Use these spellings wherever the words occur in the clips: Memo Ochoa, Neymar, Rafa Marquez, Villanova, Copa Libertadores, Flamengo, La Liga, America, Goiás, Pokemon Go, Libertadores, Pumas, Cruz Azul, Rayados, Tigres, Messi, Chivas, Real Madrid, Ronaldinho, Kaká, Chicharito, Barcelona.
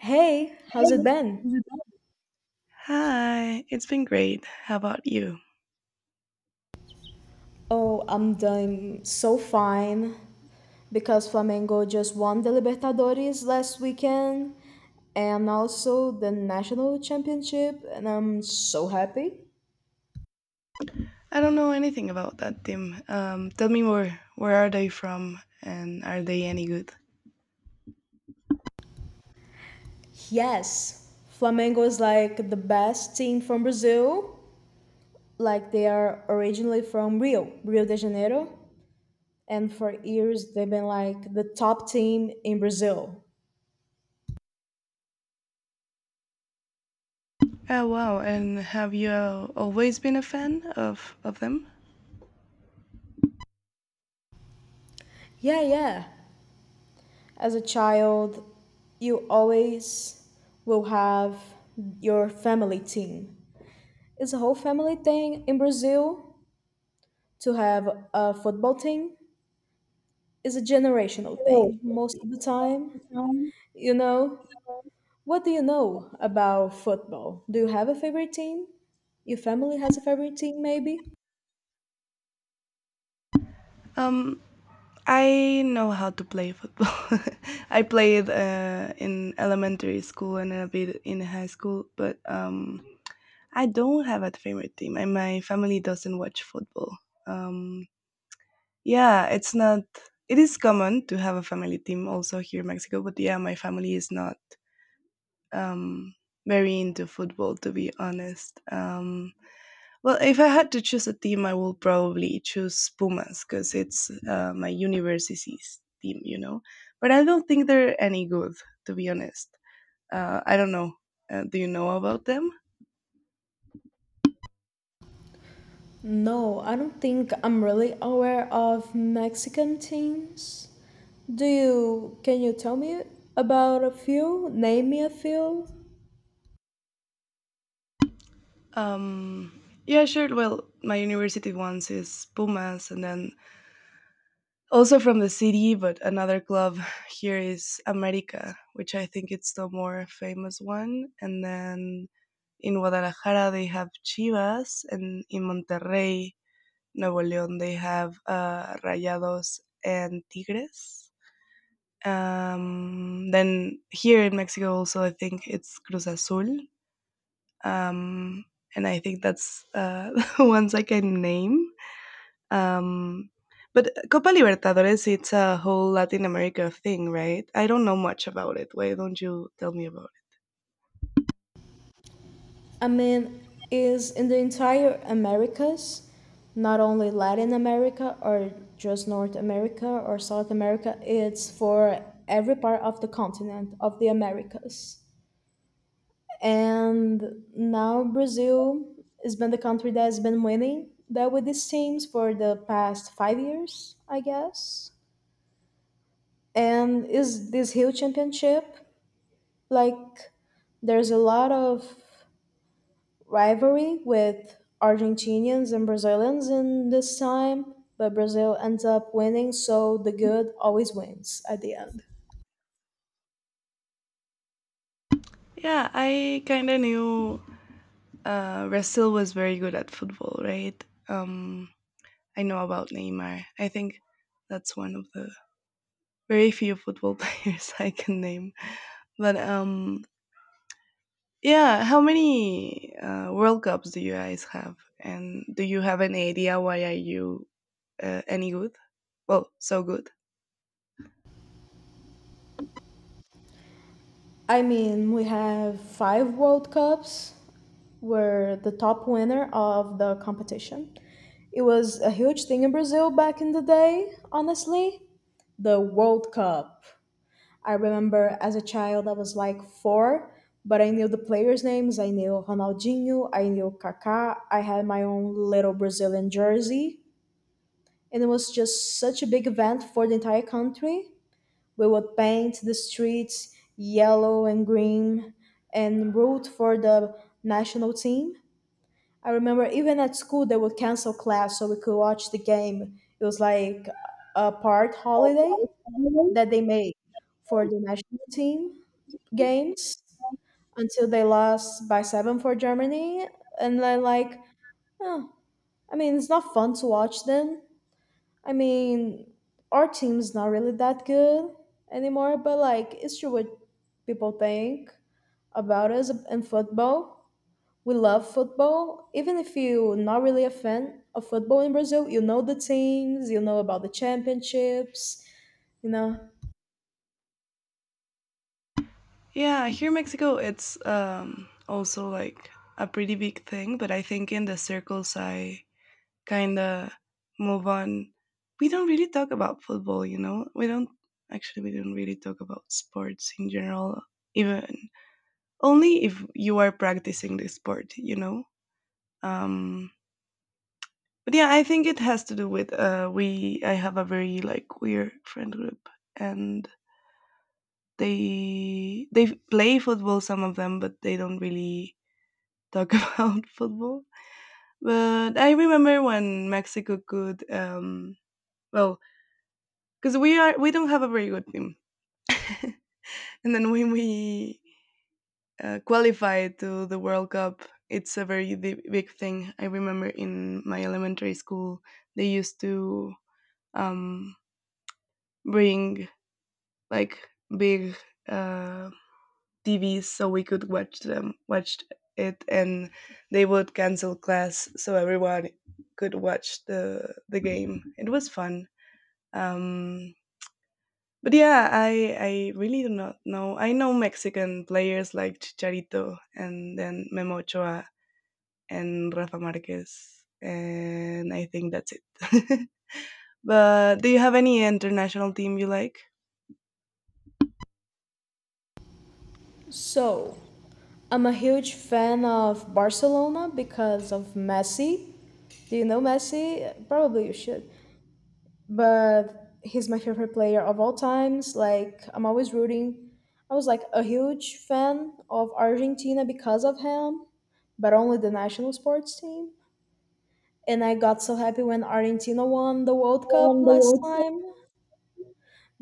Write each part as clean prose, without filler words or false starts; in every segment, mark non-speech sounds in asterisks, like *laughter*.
Hey, how's it been? Hi, it's been great. How about you? Oh, I'm doing so fine because Flamengo just won the Libertadores last weekend and also the national championship, and I'm so happy. I don't know anything about that team. Tell me more. Where are they from, and are they any good? Yes, Flamengo is like the best team from Brazil. Like they are originally from Rio, Rio de Janeiro, and for years they've been like the top team in Brazil. Oh wow! And have you always been a fan of them? Yeah, yeah. As a child, you always will have your family team. It's a whole family thing in Brazil to have a football team. It's a generational thing most of the time. You know, what do you know about football? Do you have a favorite team? Your family has a favorite team, maybe? Um, I know how to play football. *laughs* I played in elementary school and a bit in high school, but I don't have a favorite team, and my family doesn't watch football. Um, Yeah, it's not. It is common to have a family team also here in Mexico, but yeah, my family is not um, very into football, to be honest. Well, if I had to choose a team, I will probably choose Pumas because it's my university's team, But I don't think they're any good, to be honest. I don't know. Do you know about them? No, I don't think I'm really aware of Mexican teams. Do you can you tell me about a few? Name me a few. Um, yeah, sure. Well, my university ones is Pumas, and then also from the city, but another club here is America, which I think it's the more famous one. And then in Guadalajara they have Chivas, and in Monterrey, Nuevo León, they have Rayados and Tigres. Then here in Mexico, also I think it's Cruz Azul, um, and I think that's *laughs* the ones I can name. Um, but Copa Libertadores, it's a whole Latin America thing, right? I don't know much about it. Why don't you tell me about I mean, is in the entire Americas, not only Latin America or just North America or South America, it's for every part of the continent of the Americas. And now Brazil has been the country that has been winning that with these teams for the past 5 years, I guess. And is this Rio Championship like there's a lot of rivalry with Argentinians and Brazilians in this time, but Brazil ends up winning, so the good always wins at the end. it? Yeah, I kind of knew Brazil was very good at football, right? Um, I know about Neymar. I think that's one of the very few football *laughs* players I can name. But yeah, how many World Cups do you guys have? And do you have an idea why are you any good? Well, so good. I mean, we have five World Cups, were the top winner of the competition. It was a huge thing in Brazil back in the day, honestly. The World Cup. I remember as a child, I was like four, but I knew the players' names. I knew Ronaldinho, I knew Kaká. I had my own little Brazilian jersey. And it was just such a big event for the entire country. We would paint the streets yellow and green and root for the national team. I remember even at school they would cancel class so we could watch the game. It was like a part holiday that they made for the national team games until they lost by seven for Germany. And then like, oh, I mean, it's not fun to watch them. I mean, our team's not really that good anymore, but like, it's true what people think about us in football, we love football. Even if you're not really a fan of football in Brazil, you know the teams, you know about the championships, you know. Yeah, here in Mexico, it's also like a pretty big thing, but I think in the circles I kind of move on. We don't really talk about football, you know? We don't actually, we don't really talk about sports in general, even only if you are practicing the sport, you know? Um, but yeah, I think it has to do with I have a very like queer friend group and they play football some of them but they don't really talk *laughs* about football. But I remember when Mexico could, well, because we don't have a very good team, and then when we qualified to the World Cup, it's a very big thing. I remember in my elementary school, they used to um, bring like big. Uh, TV so we could watch them watch it and they would cancel class so everyone could watch the game. It was fun. Um but yeah, I really do not know. I know Mexican players like Chicharito and then Memo Ochoa and Rafa Marquez and I think that's it. *laughs* But do you have any international team you like? So, I'm a huge fan of Barcelona because of Messi. Do you know Messi? Probably you should. But he's my favorite player of all times. Like, I'm always rooting. I was like a huge fan of Argentina because of him, but only the national sports team. And I got so happy when Argentina won the World Cup last time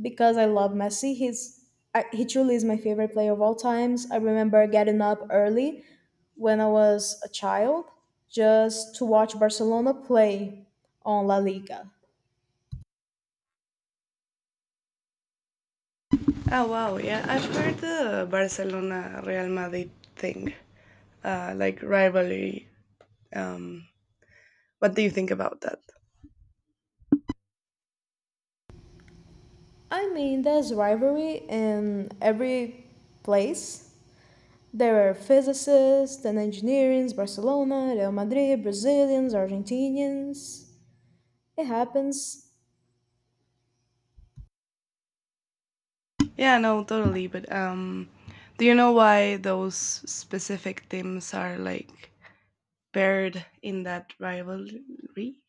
because I love Messi. He truly is my favorite player of all times. I remember getting up early when I was a child just to watch Barcelona play on La Liga. Oh wow, yeah, I've heard the Barcelona Real Madrid thing. Like rivalry. Um, what do you think about that? I mean, there's rivalry in every place. There are physicists and engineers, Barcelona, Real Madrid, Brazilians, Argentinians. It happens. Yeah, no, totally. But do you know why those specific teams are like paired in that rivalry?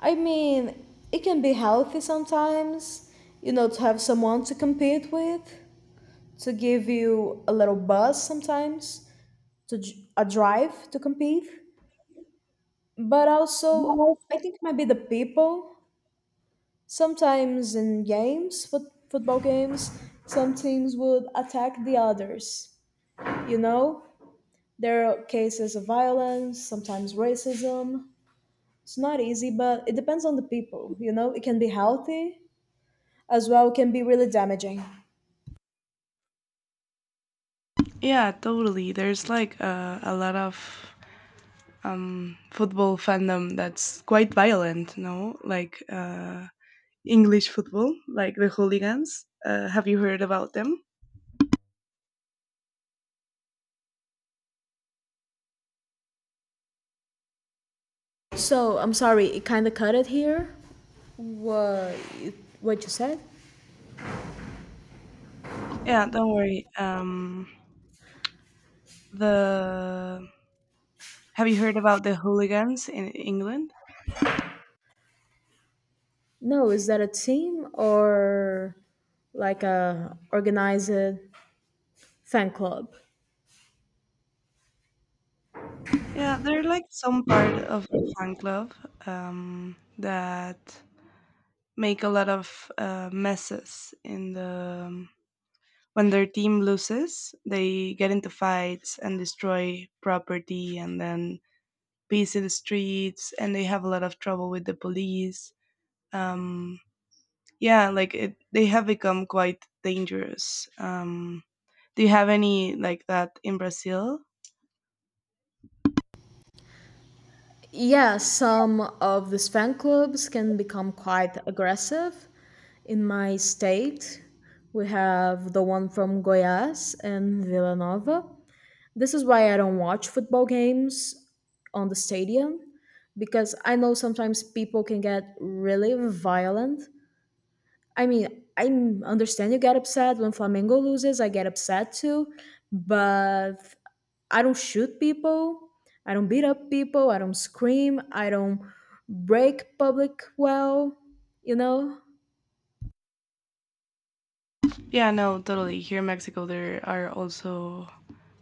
I mean, it can be healthy sometimes, to have someone to compete with, to give you a little buzz sometimes, to a drive to compete. But also, I think it might be the people. Sometimes in games, football games, some teams would attack the others. You know, there are cases of violence, sometimes racism. It's not easy, but it depends on the people. It can be healthy as well, can be really damaging. Yeah, totally. There's like a lot of football fandom that's quite violent, no? Like English football, like the hooligans. Have you heard about them? So I'm sorry, it kind of cut it here. What what you said? Yeah, don't worry. The Have you heard about the hooligans in England? No, is that a team or like a organized fan club? Yeah, they're like some part of a fan club that make a lot of messes in the when their team loses. They get into fights and destroy property, and then peace in the streets, and they have a lot of trouble with the police. Um, yeah, like it, they have become quite dangerous. Do you have any like that in Brazil? Yeah, some of these fan clubs can become quite aggressive. In my state, we have the one from Goiás and Villanova. This is why I don't watch football games on the stadium because I know sometimes people can get really violent. I mean, I understand you get upset when Flamengo loses, I get upset too, but I don't shoot people, I don't beat up people, I don't scream, I don't break public, well, you know? Yeah, no, totally. Here in Mexico, there are also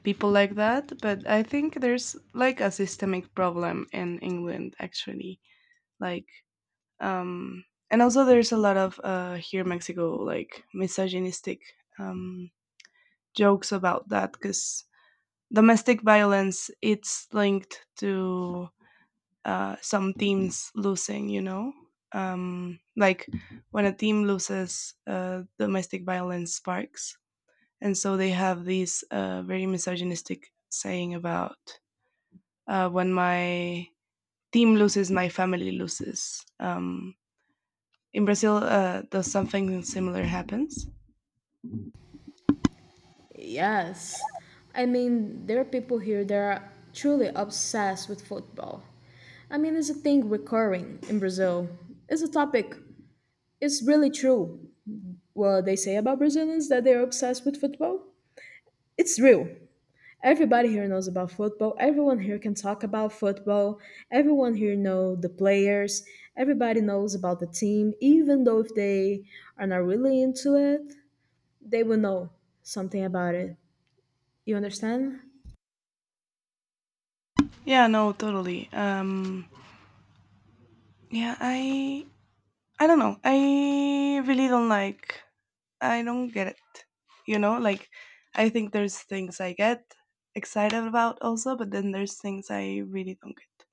people like that, but I think there's like a systemic problem in England, actually. Like, um, and also there's a lot of here in Mexico, like misogynistic um, jokes about that because domestic violence it's linked to some teams losing, you know. Like when a team loses, domestic violence sparks and so they have these very misogynistic saying about when my team loses, my family loses. In Brazil, does something similar happens? Yes. I mean, there are people here that are truly obsessed with football. I mean, it's a thing recurring in Brazil. It's a topic. It's really true. What they say about Brazilians, that they're obsessed with football, it's real. Everybody here knows about football. Everyone here can talk about football. Everyone here know the players. Everybody knows about the team. Even though if they are not really into it, they will know something about it. You understand? Yeah, no, totally. Yeah, I don't know. I really don't like. I don't get it. You know, like I think there's things I get excited about also, but then there's things I really don't get.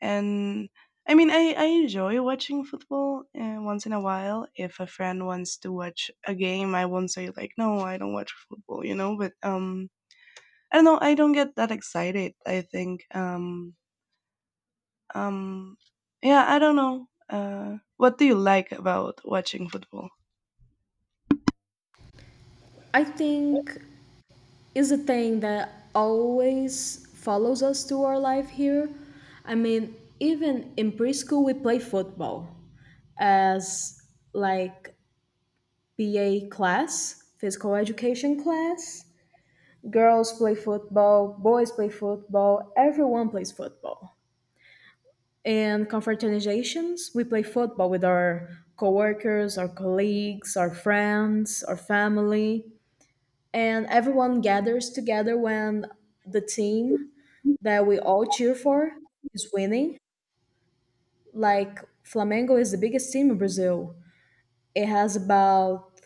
And I mean, I enjoy watching football once in a while. If a friend wants to watch a game, I won't say like, no, I don't watch football, you know. But I don't know. I don't get that excited. I think um yeah, I don't know. What do you like about watching football? I think is a thing that always follows us through our life here. I mean, even in preschool, we play football as like BA class, physical education class. Girls play football, boys play football, everyone plays football. In confraternizations, we play football with our coworkers, our colleagues, our friends, our family. And everyone gathers together when the team that we all cheer for is winning. Like Flamengo is the biggest team in Brazil. It has about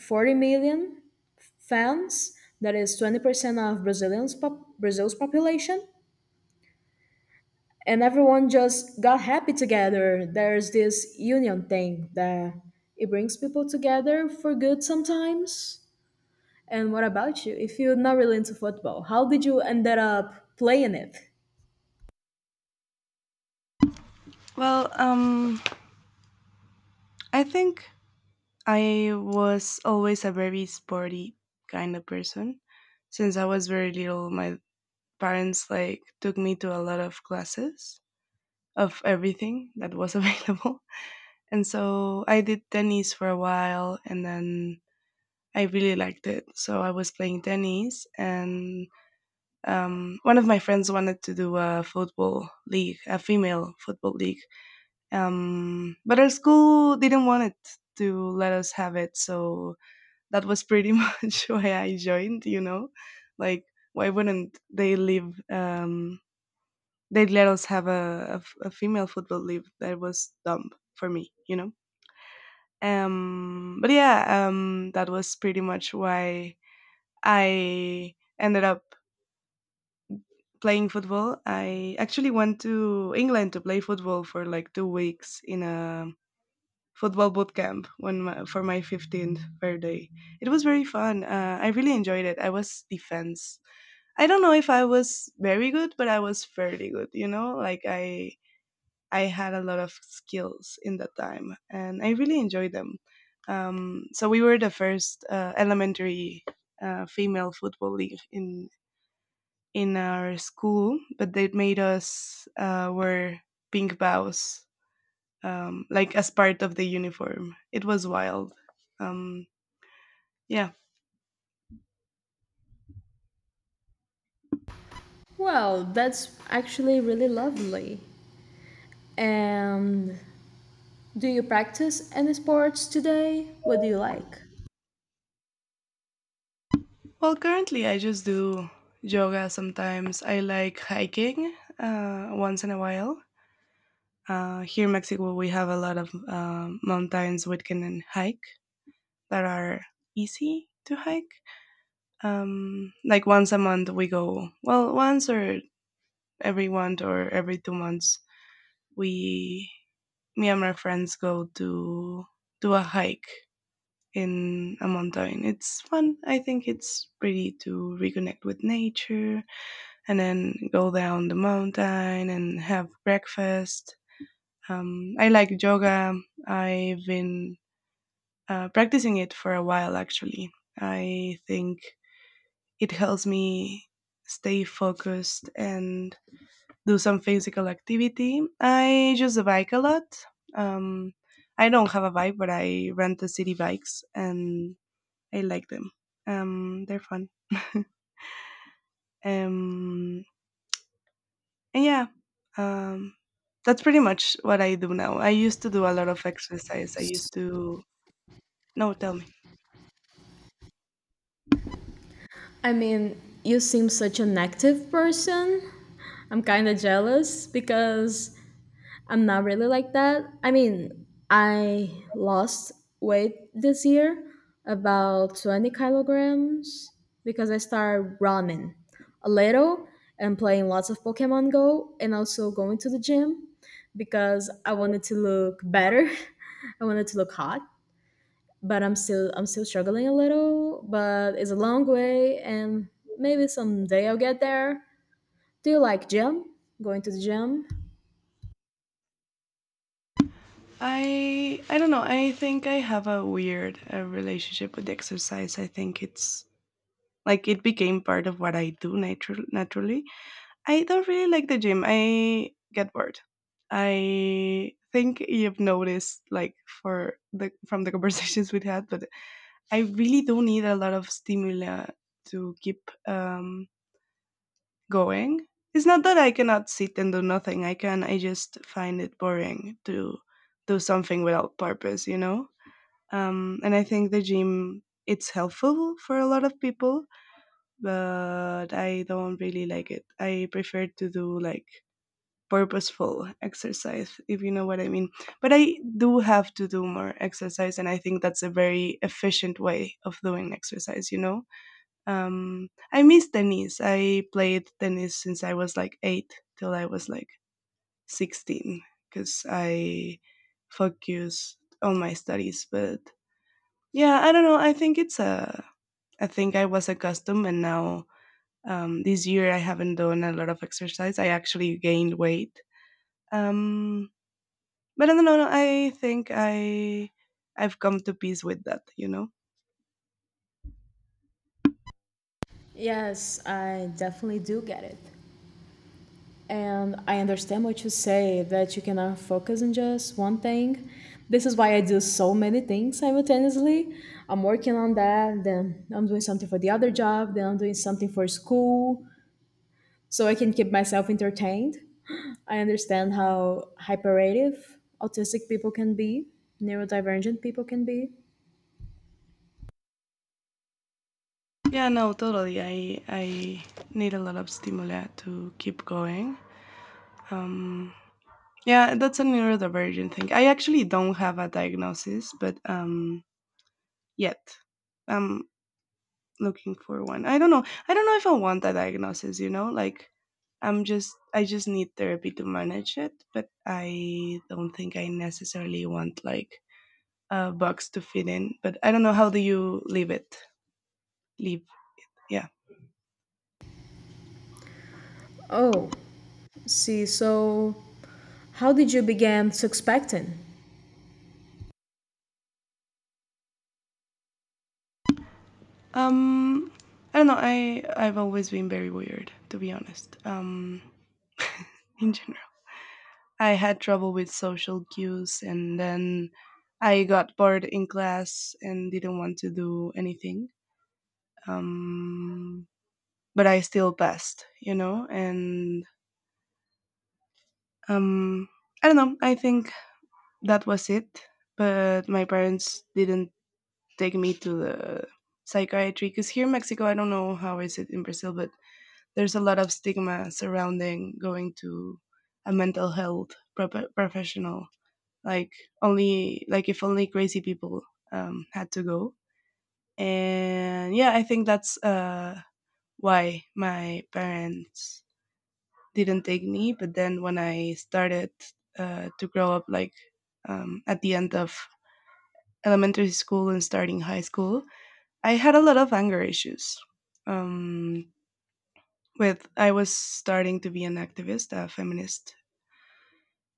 40 million fans. That is 20% of Brazil's population. And everyone just got happy together. There's this union thing that it brings people together for good sometimes. And what about you? If you're not really into football, how did you ended up playing it? Well, I think I was always a very sporty kind of person. Since I was very little, my parents like took me to a lot of classes of everything that was *laughs* available. And so I did tennis for a while and then I really liked it. So I was playing tennis and one of my friends wanted to do a football league, a female football league. But our school didn't want it to let us have it. So that was pretty *laughs* much why I joined, you know, like why wouldn't they leave they'd let us have a female football league that was dumb for me, you know. But yeah, that was pretty much why I ended up playing football. I actually went to England to play football for like 2 weeks in a football boot camp for my 15th birthday. It was very fun. I really enjoyed it. I was defense. I don't know if I was very good but I was fairly good, you know, like I had a lot of skills in that time, and I really enjoyed them. So we were the first elementary female football league in our school, but they made us wear pink bows, like as part of the uniform. It was wild. Um, yeah. Well, that's actually really lovely. And do you practice any sports today? What do you like? Well, currently I just do yoga sometimes. I like hiking once in a while. Here in Mexico, we have a lot of mountains we can hike that are easy to hike. Like once a month, we go, well, once or every month or every 2 months, we, me and my friends go to do a hike in a mountain. It's fun. I think it's pretty to reconnect with nature and then go down the mountain and have breakfast. I like yoga. I've been practicing it for a while, actually. I think it helps me stay focused and do some physical activity. I use a bike a lot. Um, i don't have a bike but I rent the city bikes and I like them. They're fun. *laughs* um, and yeah, um, that's pretty much what I do now. I used to do a lot of exercise. I used to— no, tell me. I mean, you seem such an active person. I'm kind of jealous because I'm not really like that. I mean, I lost weight this year, about 20 kilograms, because I started running a little and playing lots of Pokemon Go and also going to the gym because I wanted to look better. *laughs* I wanted to look hot, but I'm still struggling a little, but it's a long way and maybe someday I'll get there. Do you like gym? Going to the gym? I don't know. I think I have a weird relationship with exercise. I think it's like it became part of what I do naturally. I don't really like the gym. I get bored. I think you've noticed like for the from the *laughs* conversations we had, but I really do need a lot of stimuli to keep going. It's not that I cannot sit and do nothing. I can. I just find it boring to do something without purpose, you know? And I think the gym it's helpful for a lot of people, but I don't really like it. I prefer to do like purposeful exercise, if you know what I mean. But I do have to do more exercise, and I think that's a very efficient way of doing exercise. You know, I miss tennis. I played tennis since I was like 8 till I was like 16 because I focused on my studies, but yeah, I don't know. I think it's a. I think I was accustomed, and now this year I haven't done a lot of exercise. I actually gained weight, um, but I don't know. I think I've come to peace with that. You know. Yes, I definitely do get it. And I understand what you say that you cannot focus on just one thing. This is why I do so many things simultaneously. I'm working on that, then I'm doing something for the other job, then I'm doing something for school so I can keep myself entertained. *gasps* I understand how hyperactive autistic people can be, neurodivergent people can be. Yeah, no, totally. I need a lot of stimuli to keep going. Um, yeah, that's a neurodivergent thing. I actually don't have a diagnosis, but yet. Um, looking for one. I don't know. I don't know if I want that diagnosis, you know? Like I just need therapy to manage it, but I don't think I necessarily want like a box to fit in. But I don't know how do you leave it? Leave. Yeah. Oh, see, so how did you begin suspecting? Um I don't know. I I've always been very weird, to be honest. *laughs* In general. I had trouble with social cues and then I got bored in class and didn't want to do anything um, but I still passed, you know. And um, I don't know. I think that was it. But my parents didn't take me to the psychiatry because here in Mexico, I don't know how is it in Brazil, but there's a lot of stigma surrounding going to a mental health professional. Like only like if only crazy people had to go. And yeah, I think that's why my parents didn't take me. But then when I started to grow up, like at the end of elementary school and starting high school, I had a lot of anger issues. Um, with I was starting to be an activist, a feminist,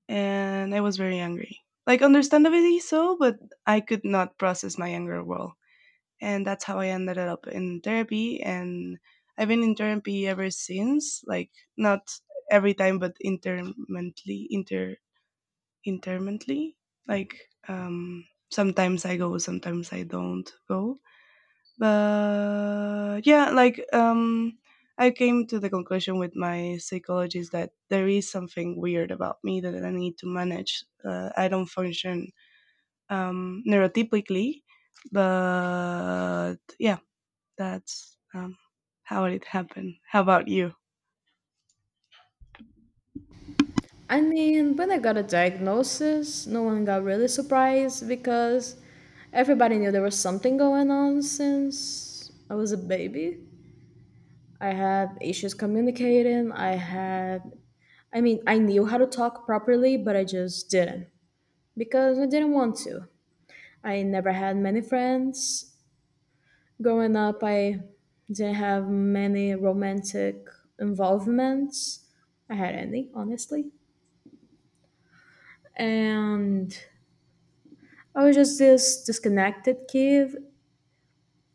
and I was very angry. Like understandably so, but I could not process my anger well, and that's how I ended up in therapy. And I've been in therapy ever since. Like not every time, but intermittently. Like um, sometimes I go, sometimes I don't go. But yeah, I came to the conclusion with my psychologist that there is something weird about me that I need to manage. I don't function neurotypically, but yeah, that's how it happened. How about you? I mean, when I got a diagnosis, no one got really surprised because everybody knew there was something going on since I was a baby. I had issues communicating. I had, I mean, I knew how to talk properly, but I just didn't because I didn't want to. I never had many friends. Growing up, I didn't have many romantic involvements. I had any, honestly. And I was just this disconnected kid,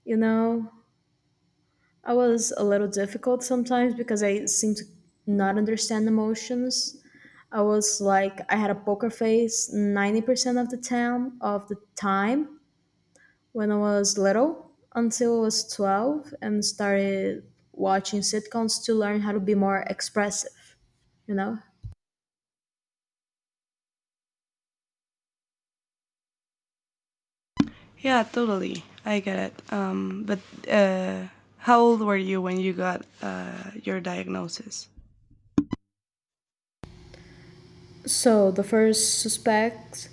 you know. I was a little difficult sometimes because I seemed to not understand emotions. I was like I had a poker face 90% of the time when I was little until I was 12 and started watching sitcoms to learn how to be more expressive, you know. Yeah, totally. I get it. But uh, how old were you when you got your diagnosis? So the first suspect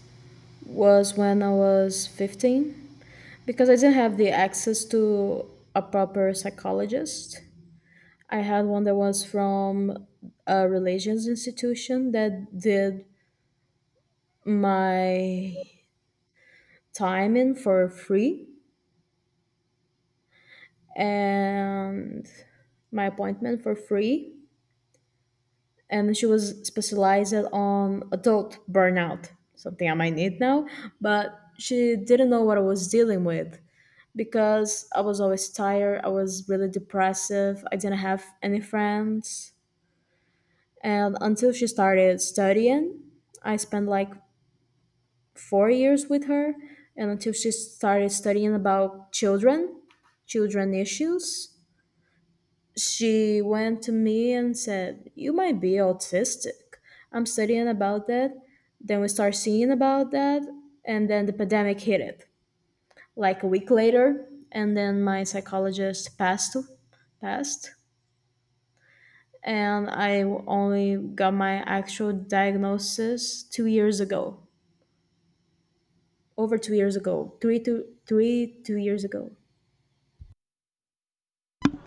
was when I was 15 because I didn't have the access to a proper psychologist. I had one that was from a relations institution that did my time in for free and my appointment for free. And she was specialized on adult burnout, something I might need now, but she didn't know what I was dealing with because I was always tired, I was really depressive, I didn't have any friends. And until she started studying, I spent like 4 years with her, and until she started studying about children issues, she went to me and said, you might be autistic. I'm studying about that. Then we start seeing about that, and then the pandemic hit it like a week later, and then my psychologist passed. And I only got my actual diagnosis 2 years ago, over 2 years ago, three to three two years ago.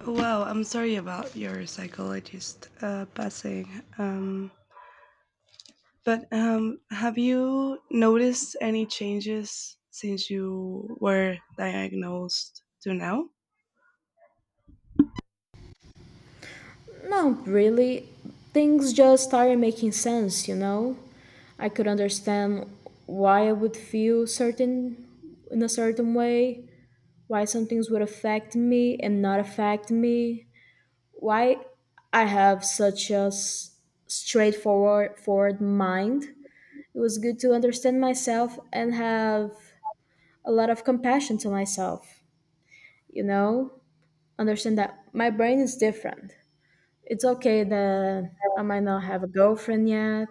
Wow, I'm sorry about your psychologist passing. Um, but have you noticed any changes since you were diagnosed to now? Not really. Things just started making sense, you know. I could understand why I would feel certain in a certain way, why some things would affect me and not affect me, why I have such a s- straightforward forward mind. It was good to understand myself and have a lot of compassion to myself, you know, understand that my brain is different. It's okay that I might not have a girlfriend yet.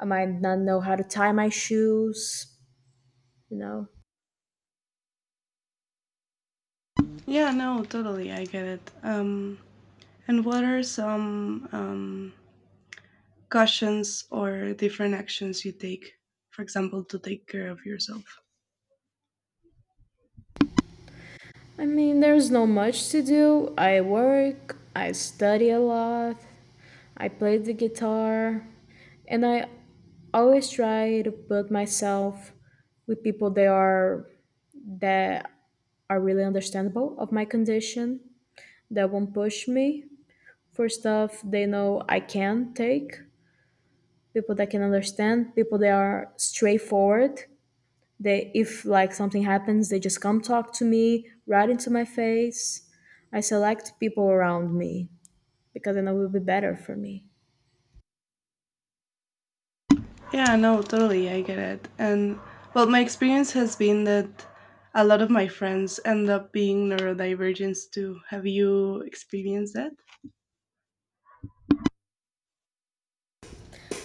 I might not know how to tie my shoes, you know. Yeah, no, totally. I get it. And what are some cautions or different actions you take, for example, to take care of yourself? I mean, there's not much to do. I work, I study a lot, I play the guitar, and I always try to put myself with people that are, that really understandable of my condition, that won't push me for stuff they know I can take, people that can understand, people that are straightforward, they, if like something happens, they just come talk to me right into my face. I select people around me because then it will be better for me. Yeah, no, totally, I get it. And well, my experience has been that a lot of my friends end up being neurodivergent too. Have you experienced that?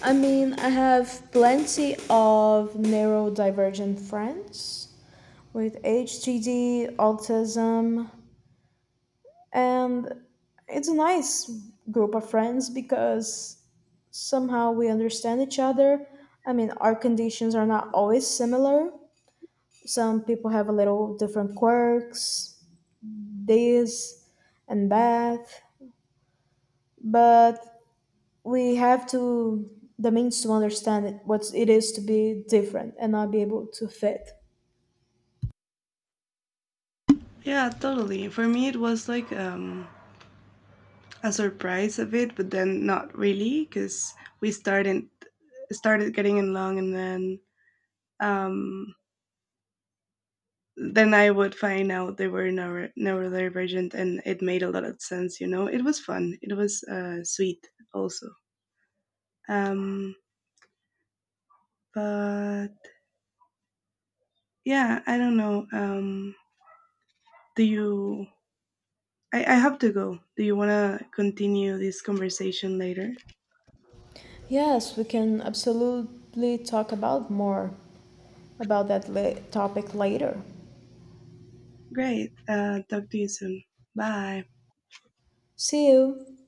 I mean, I have plenty of neurodivergent friends with HGD, autism, and it's a nice group of friends because somehow we understand each other. I mean, our conditions are not always similar, some people have a little different quirks, this and that, but we have to the means to understand it, what it is to be different and not be able to fit. Yeah, totally. For me, it was like a surprise a bit, but then not really, because we started started getting along, and um, then I would find out they were neurodivergent, and it made a lot of sense. You know, it was fun. It was sweet, also. Um, but Yeah, I don't know. Do you? I have to go. Do you want to continue this conversation later? Yes, we can absolutely talk about more about that topic later. Great. Talk to you soon. Bye. See you.